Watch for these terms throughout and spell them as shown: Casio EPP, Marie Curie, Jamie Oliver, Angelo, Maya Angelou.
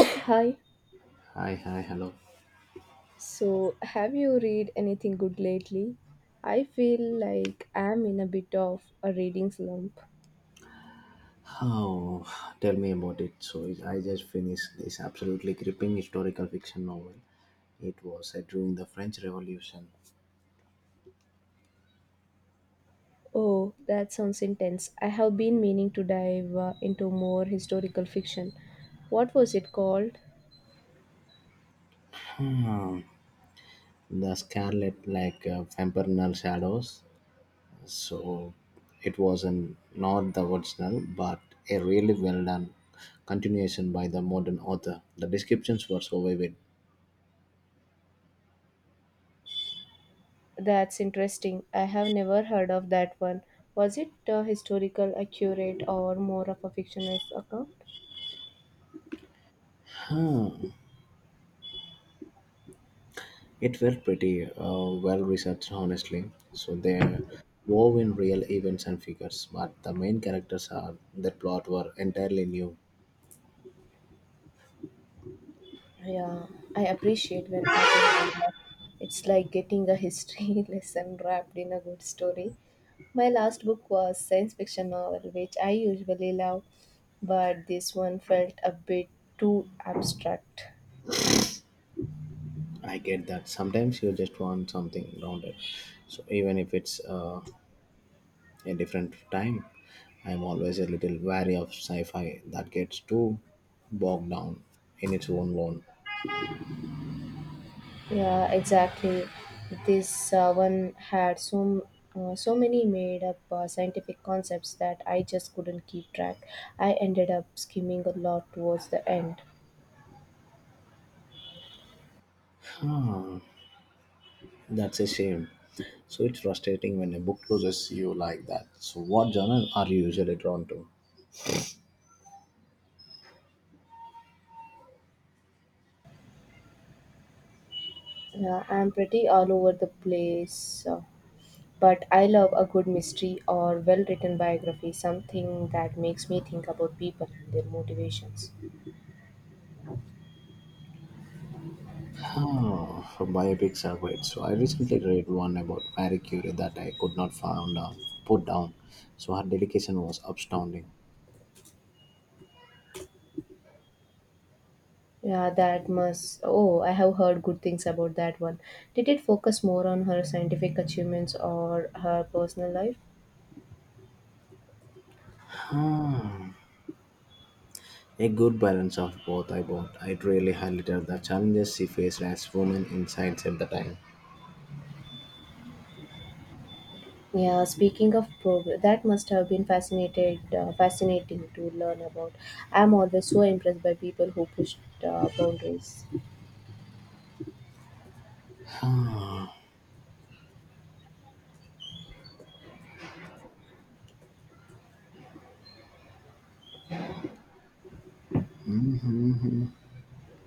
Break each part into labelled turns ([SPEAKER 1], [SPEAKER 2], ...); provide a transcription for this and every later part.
[SPEAKER 1] Hi.
[SPEAKER 2] Hi, hi, hello.
[SPEAKER 1] So, have you read anything good lately? I feel like I'm in a bit of a reading slump.
[SPEAKER 2] Oh, tell me about it. So, I just finished this absolutely gripping historical fiction novel. It was set during the French Revolution.
[SPEAKER 1] Oh, that sounds intense. I have been meaning to dive into more historical fiction. What was it called?
[SPEAKER 2] Hmm, The Scarlet, Infernal Shadows. So, it was an, not the original, but a really well done continuation by the modern author. The descriptions were so vivid.
[SPEAKER 1] That's interesting. I have never heard of that one. Was it historical accurate or more of a fictionalized account?
[SPEAKER 2] Huh, it were pretty well researched, honestly. So they're wove in real events and figures, but the main characters are the plot were entirely new.
[SPEAKER 1] Yeah, I appreciate when authors do that. It's like getting a history lesson wrapped in a good story. My last book was science fiction novel, which I usually love, but this one felt a bit too abstract.
[SPEAKER 2] I get that. Sometimes you just want something grounded. So even if it's a different time, I'm always a little wary of sci-fi that gets too bogged down in its own lore.
[SPEAKER 1] Yeah, exactly. This one had so many made up scientific concepts that I just couldn't keep track. I ended up skimming a lot towards the end.
[SPEAKER 2] That's a shame. So it's frustrating when a book loses you like that. So what genre are you usually drawn to?
[SPEAKER 1] Yeah, I'm pretty all over the place. But I love a good mystery or well written biography, something that makes me think about people and their motivations.
[SPEAKER 2] Oh, for biopics are great. So I recently read one about Marie Curie that I could not found down, put down. So her dedication was astounding.
[SPEAKER 1] Yeah, that must. Oh, I have heard good things about that one. Did it focus more on her scientific achievements or her personal life?
[SPEAKER 2] Hmm. A good balance of both. I bought. It really highlighted the challenges she faced as women in science at the time.
[SPEAKER 1] Yeah, speaking of progress, that must have been fascinating to learn about. I'm always so impressed by people who push boundaries.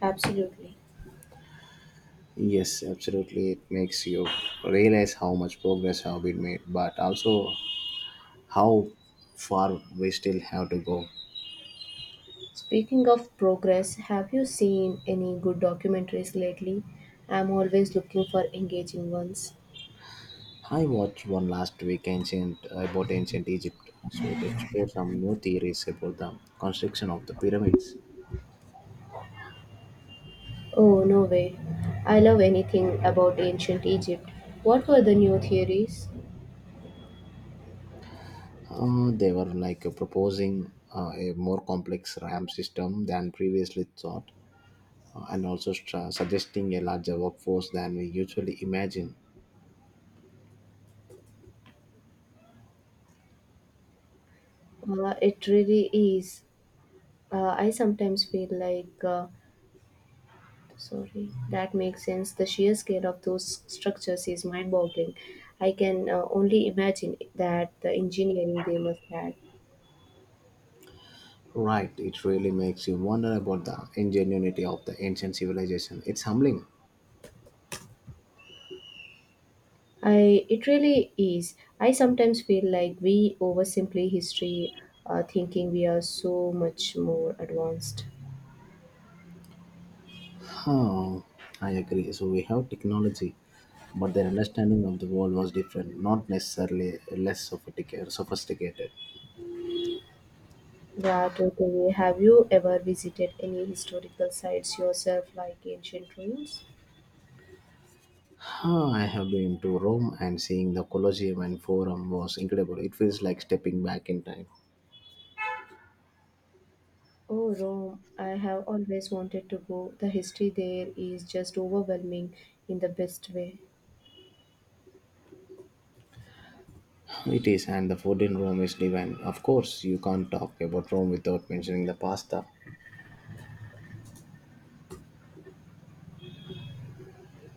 [SPEAKER 1] Absolutely.
[SPEAKER 2] Yes, absolutely. It makes you realize how much progress have been made, but also how far we still have to go.
[SPEAKER 1] Speaking of progress, have you seen any good documentaries lately? I'm always looking for engaging ones.
[SPEAKER 2] I watched one last week ancient about ancient Egypt, so it explored some new theories about the construction of the pyramids.
[SPEAKER 1] Oh, no way. I love anything about ancient Egypt. What were the new theories?
[SPEAKER 2] They were proposing a more complex ramp system than previously thought, and also suggesting a larger workforce than we usually imagine.
[SPEAKER 1] It really is. I sometimes feel like, sorry, That makes sense. The sheer scale of those structures is mind boggling. I can only imagine that the engineering they must have.
[SPEAKER 2] Right, it really makes you wonder about the ingenuity of the ancient civilization. It's humbling.
[SPEAKER 1] I It really is. I sometimes feel like we oversimplify history, thinking we are so much more advanced.
[SPEAKER 2] Oh, I agree. So we have technology, but their understanding of the world was different, not necessarily less sophisticated.
[SPEAKER 1] Yeah, totally. Have you ever visited any historical sites yourself, like ancient ruins?
[SPEAKER 2] Ah, I have been to Rome and seeing the Colosseum and Forum was incredible. It feels like stepping back in time.
[SPEAKER 1] Oh, Rome. I have always wanted to go. The history there is just overwhelming in the best way.
[SPEAKER 2] It is, and the food in Rome is divine. Of course, you can't talk about Rome without mentioning the pasta.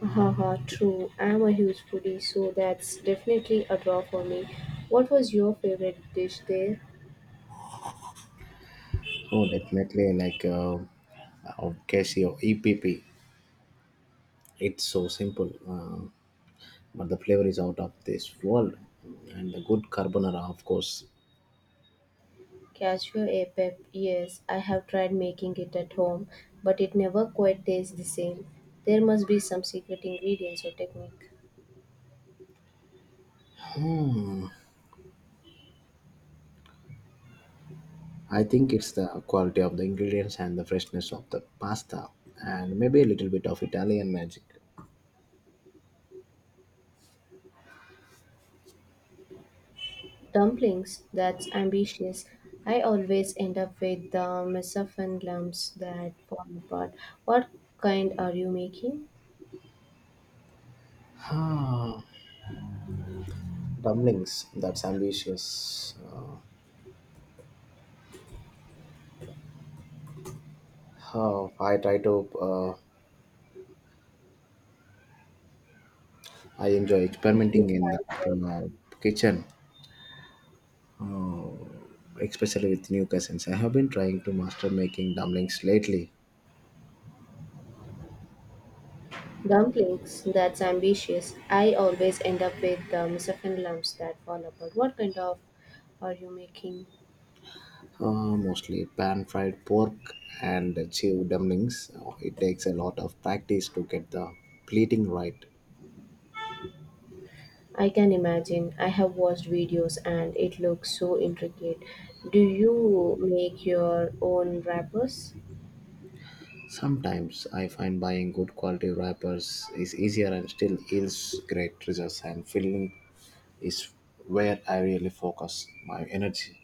[SPEAKER 1] Haha, true. I'm a huge foodie, so that's definitely a draw for me. What was your favorite dish there?
[SPEAKER 2] Oh, definitely Casio EPP. It's so simple, but the flavor is out of this world and the good carbonara of course.
[SPEAKER 1] Cashew apex, yes, I have tried making it at home, but it never quite tastes the same. There must be some secret ingredients or technique.
[SPEAKER 2] I think it's the quality of the ingredients and the freshness of the pasta and maybe a little bit of Italian magic.
[SPEAKER 1] Dumplings, that's ambitious. I always end up with the messophan lumps that fall apart. What kind are you making?
[SPEAKER 2] Ah, dumplings. That's ambitious. How I try to. Uh, I enjoy
[SPEAKER 1] Mostly
[SPEAKER 2] experimenting in the
[SPEAKER 1] pan-fried.
[SPEAKER 2] uh, kitchen, especially with new cousins. I have been trying to master making dumplings lately.
[SPEAKER 1] Dumplings, that's ambitious. I always end up with the messophan lumps that fall apart. What kind of are you making?
[SPEAKER 2] Mostly pan fried pork and chew dumplings. It takes a lot of practice to get the pleating right.
[SPEAKER 1] I can imagine. I have watched videos and it looks so intricate. Do you make your own wrappers?
[SPEAKER 2] Sometimes I find buying good quality wrappers is easier and still yields great results, and filling is where I really focus my energy.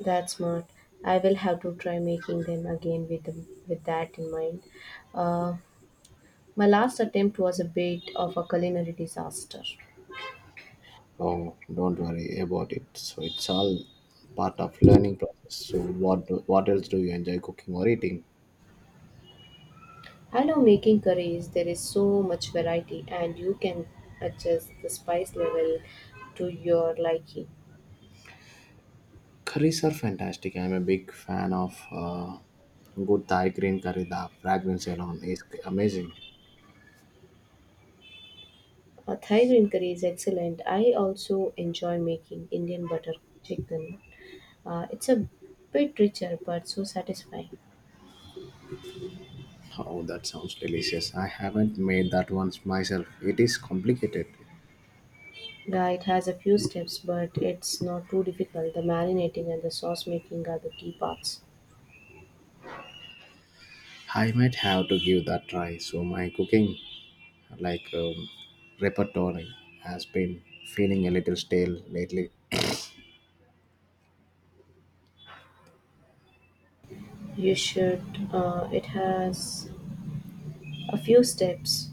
[SPEAKER 1] That's smart. I will have to try making them again with that in mind. Uh, my last attempt was a bit of a culinary disaster.
[SPEAKER 2] So don't worry about it. So it's all part of learning process. So what else do you enjoy cooking or eating?
[SPEAKER 1] I love making curries. There is so much variety, and you can adjust the spice level to your liking.
[SPEAKER 2] Curries are fantastic. I'm a big fan of good Thai green curry. The fragrance alone is amazing.
[SPEAKER 1] A Thai green curry is excellent. I also enjoy making Indian butter chicken. It's a bit richer, but so satisfying.
[SPEAKER 2] Oh, that sounds delicious. I haven't made that once myself. It is complicated.
[SPEAKER 1] Yeah, it has a few steps, but it's not too difficult. The marinating and the sauce making are the key parts.
[SPEAKER 2] I might have to give that try. So my cooking, like um, repertoire, has been feeling a little stale lately.
[SPEAKER 1] You should. It has a few steps,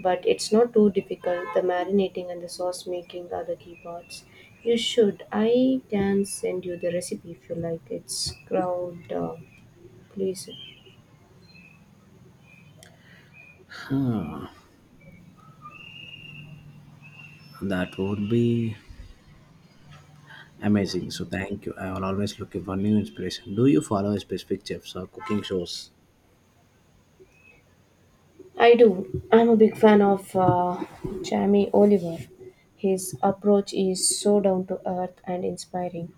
[SPEAKER 1] but it's not too difficult. The marinating and the sauce making are the key parts. You should. I can send you the recipe if you like. It's crowd pleaser.
[SPEAKER 2] That would be amazing. So thank you. I will always looking for new inspiration. Do you follow specific chefs or cooking shows?
[SPEAKER 1] I do. I'm a big fan of Jamie Oliver. His approach is so down to earth and inspiring.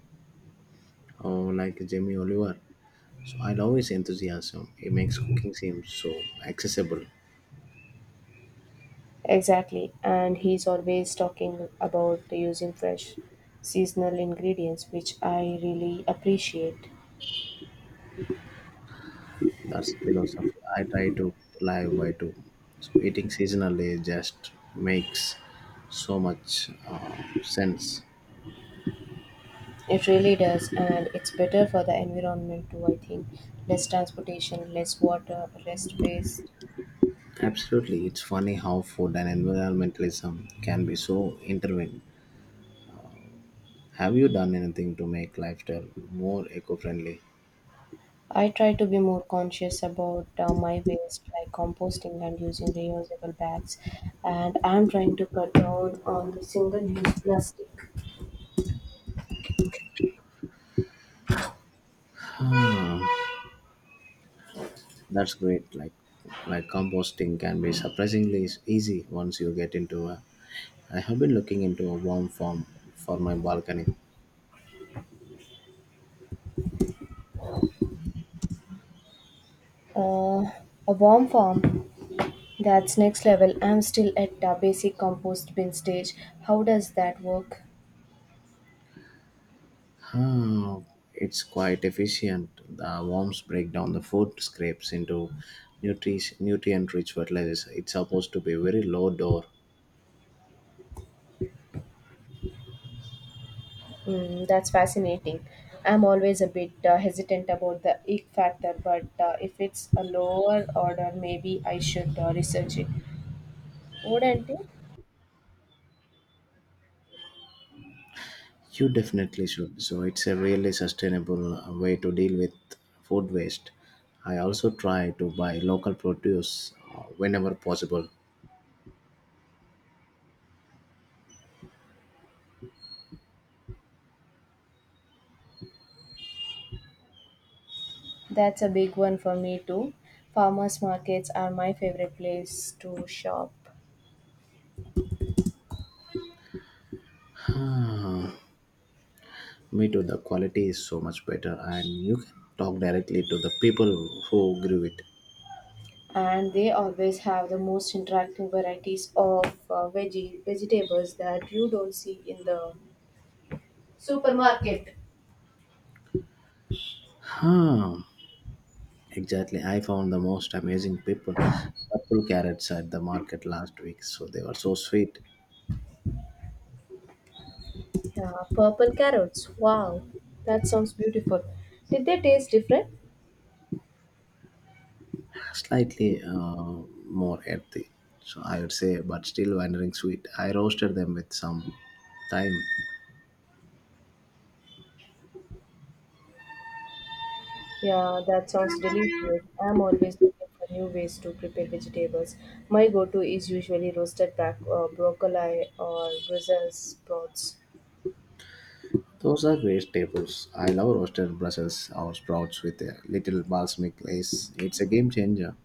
[SPEAKER 2] Or like Jamie Oliver. So I love his enthusiasm. He makes cooking seem so accessible.
[SPEAKER 1] Exactly, and he's always talking about using fresh seasonal ingredients, which I really appreciate.
[SPEAKER 2] That's the philosophy I try to live by too. So eating seasonally just makes so much sense.
[SPEAKER 1] It really does, and it's better for the environment too, I think. Less transportation, less water, less waste.
[SPEAKER 2] Absolutely, it's funny how food and environmentalism can be so intertwined. Have you done anything to make lifestyle more eco-friendly?
[SPEAKER 1] I try to be more conscious about my waste, like composting and using reusable bags. And I'm trying to cut down on the single use plastic.
[SPEAKER 2] That's great. Like composting can be surprisingly easy once you get into a. I have been looking into a warm form for my balcony.
[SPEAKER 1] Uh, a warm farm, that's next level. I'm still at the basic compost bin stage. How does that work?
[SPEAKER 2] Ah, it's quite efficient. The worms break down the food scraps into nutrient rich fertilizers. It's supposed to be very low door.
[SPEAKER 1] Mm, that's fascinating. I'm always a bit hesitant about the ick factor, but if it's a lower order, maybe I should research it. Wouldn't you?
[SPEAKER 2] You definitely should. So it's a really sustainable way to deal with food waste. I also try to buy local produce whenever possible.
[SPEAKER 1] That's a big one for me too. Farmers markets are my favorite place to shop,
[SPEAKER 2] Me too, the quality is so much better, and you can talk directly to the people who grew it.
[SPEAKER 1] and they always have the most interactive varieties of veggie vegetables that you don't see in the supermarket.
[SPEAKER 2] Huh. Exactly. I found the most amazing people purple carrots at the market last week. So they were so sweet,
[SPEAKER 1] Yeah, purple carrots. Wow, that sounds beautiful. Did they taste different?
[SPEAKER 2] slightly more earthy. So I would say, but still wandering sweet. I roasted them with some thyme.
[SPEAKER 1] Yeah, that sounds delicious. I'm always looking for new ways to prepare vegetables. My go to is usually roasted broccoli or Brussels sprouts.
[SPEAKER 2] Those are great staples. I love roasted Brussels or sprouts with a little balsamic glaze. It's a game changer.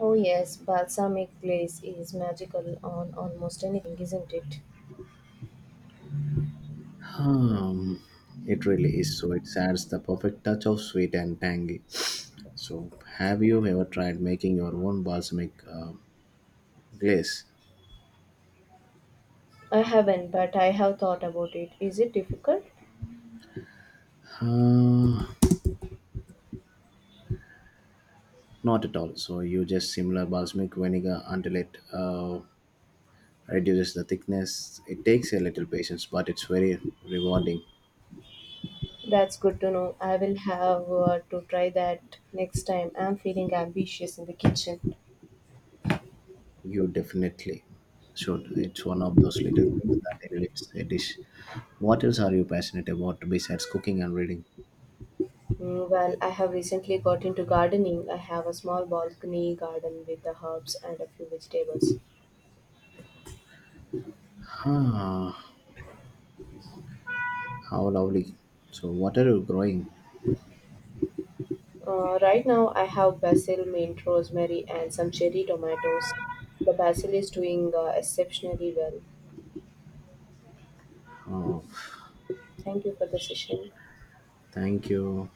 [SPEAKER 1] Oh yes, balsamic glaze is magical on almost anything, isn't it?
[SPEAKER 2] Um, it really is. So it adds the perfect touch of sweet and tangy. So, have you ever tried making your own balsamic glaze?
[SPEAKER 1] I haven't, but I have thought about it. Is it difficult?
[SPEAKER 2] Uh, not at all. So you just similar balsamic vinegar until it reduces the thickness. It takes a little patience, but it's very rewarding.
[SPEAKER 1] That's good to know. I will have to try that next time. I'm feeling ambitious in the kitchen.
[SPEAKER 2] You definitely should. It's one of those little things that elevates a dish. What else are you passionate about besides cooking and reading?
[SPEAKER 1] Mm, well, I have recently got into gardening. I have a small balcony garden with the herbs and a few vegetables.
[SPEAKER 2] Ah, how lovely. So what are you growing?
[SPEAKER 1] Right now, I have basil, mint, rosemary, and some cherry tomatoes. The basil is doing exceptionally well.
[SPEAKER 2] Oh,
[SPEAKER 1] Thank you for the session.
[SPEAKER 2] thank you.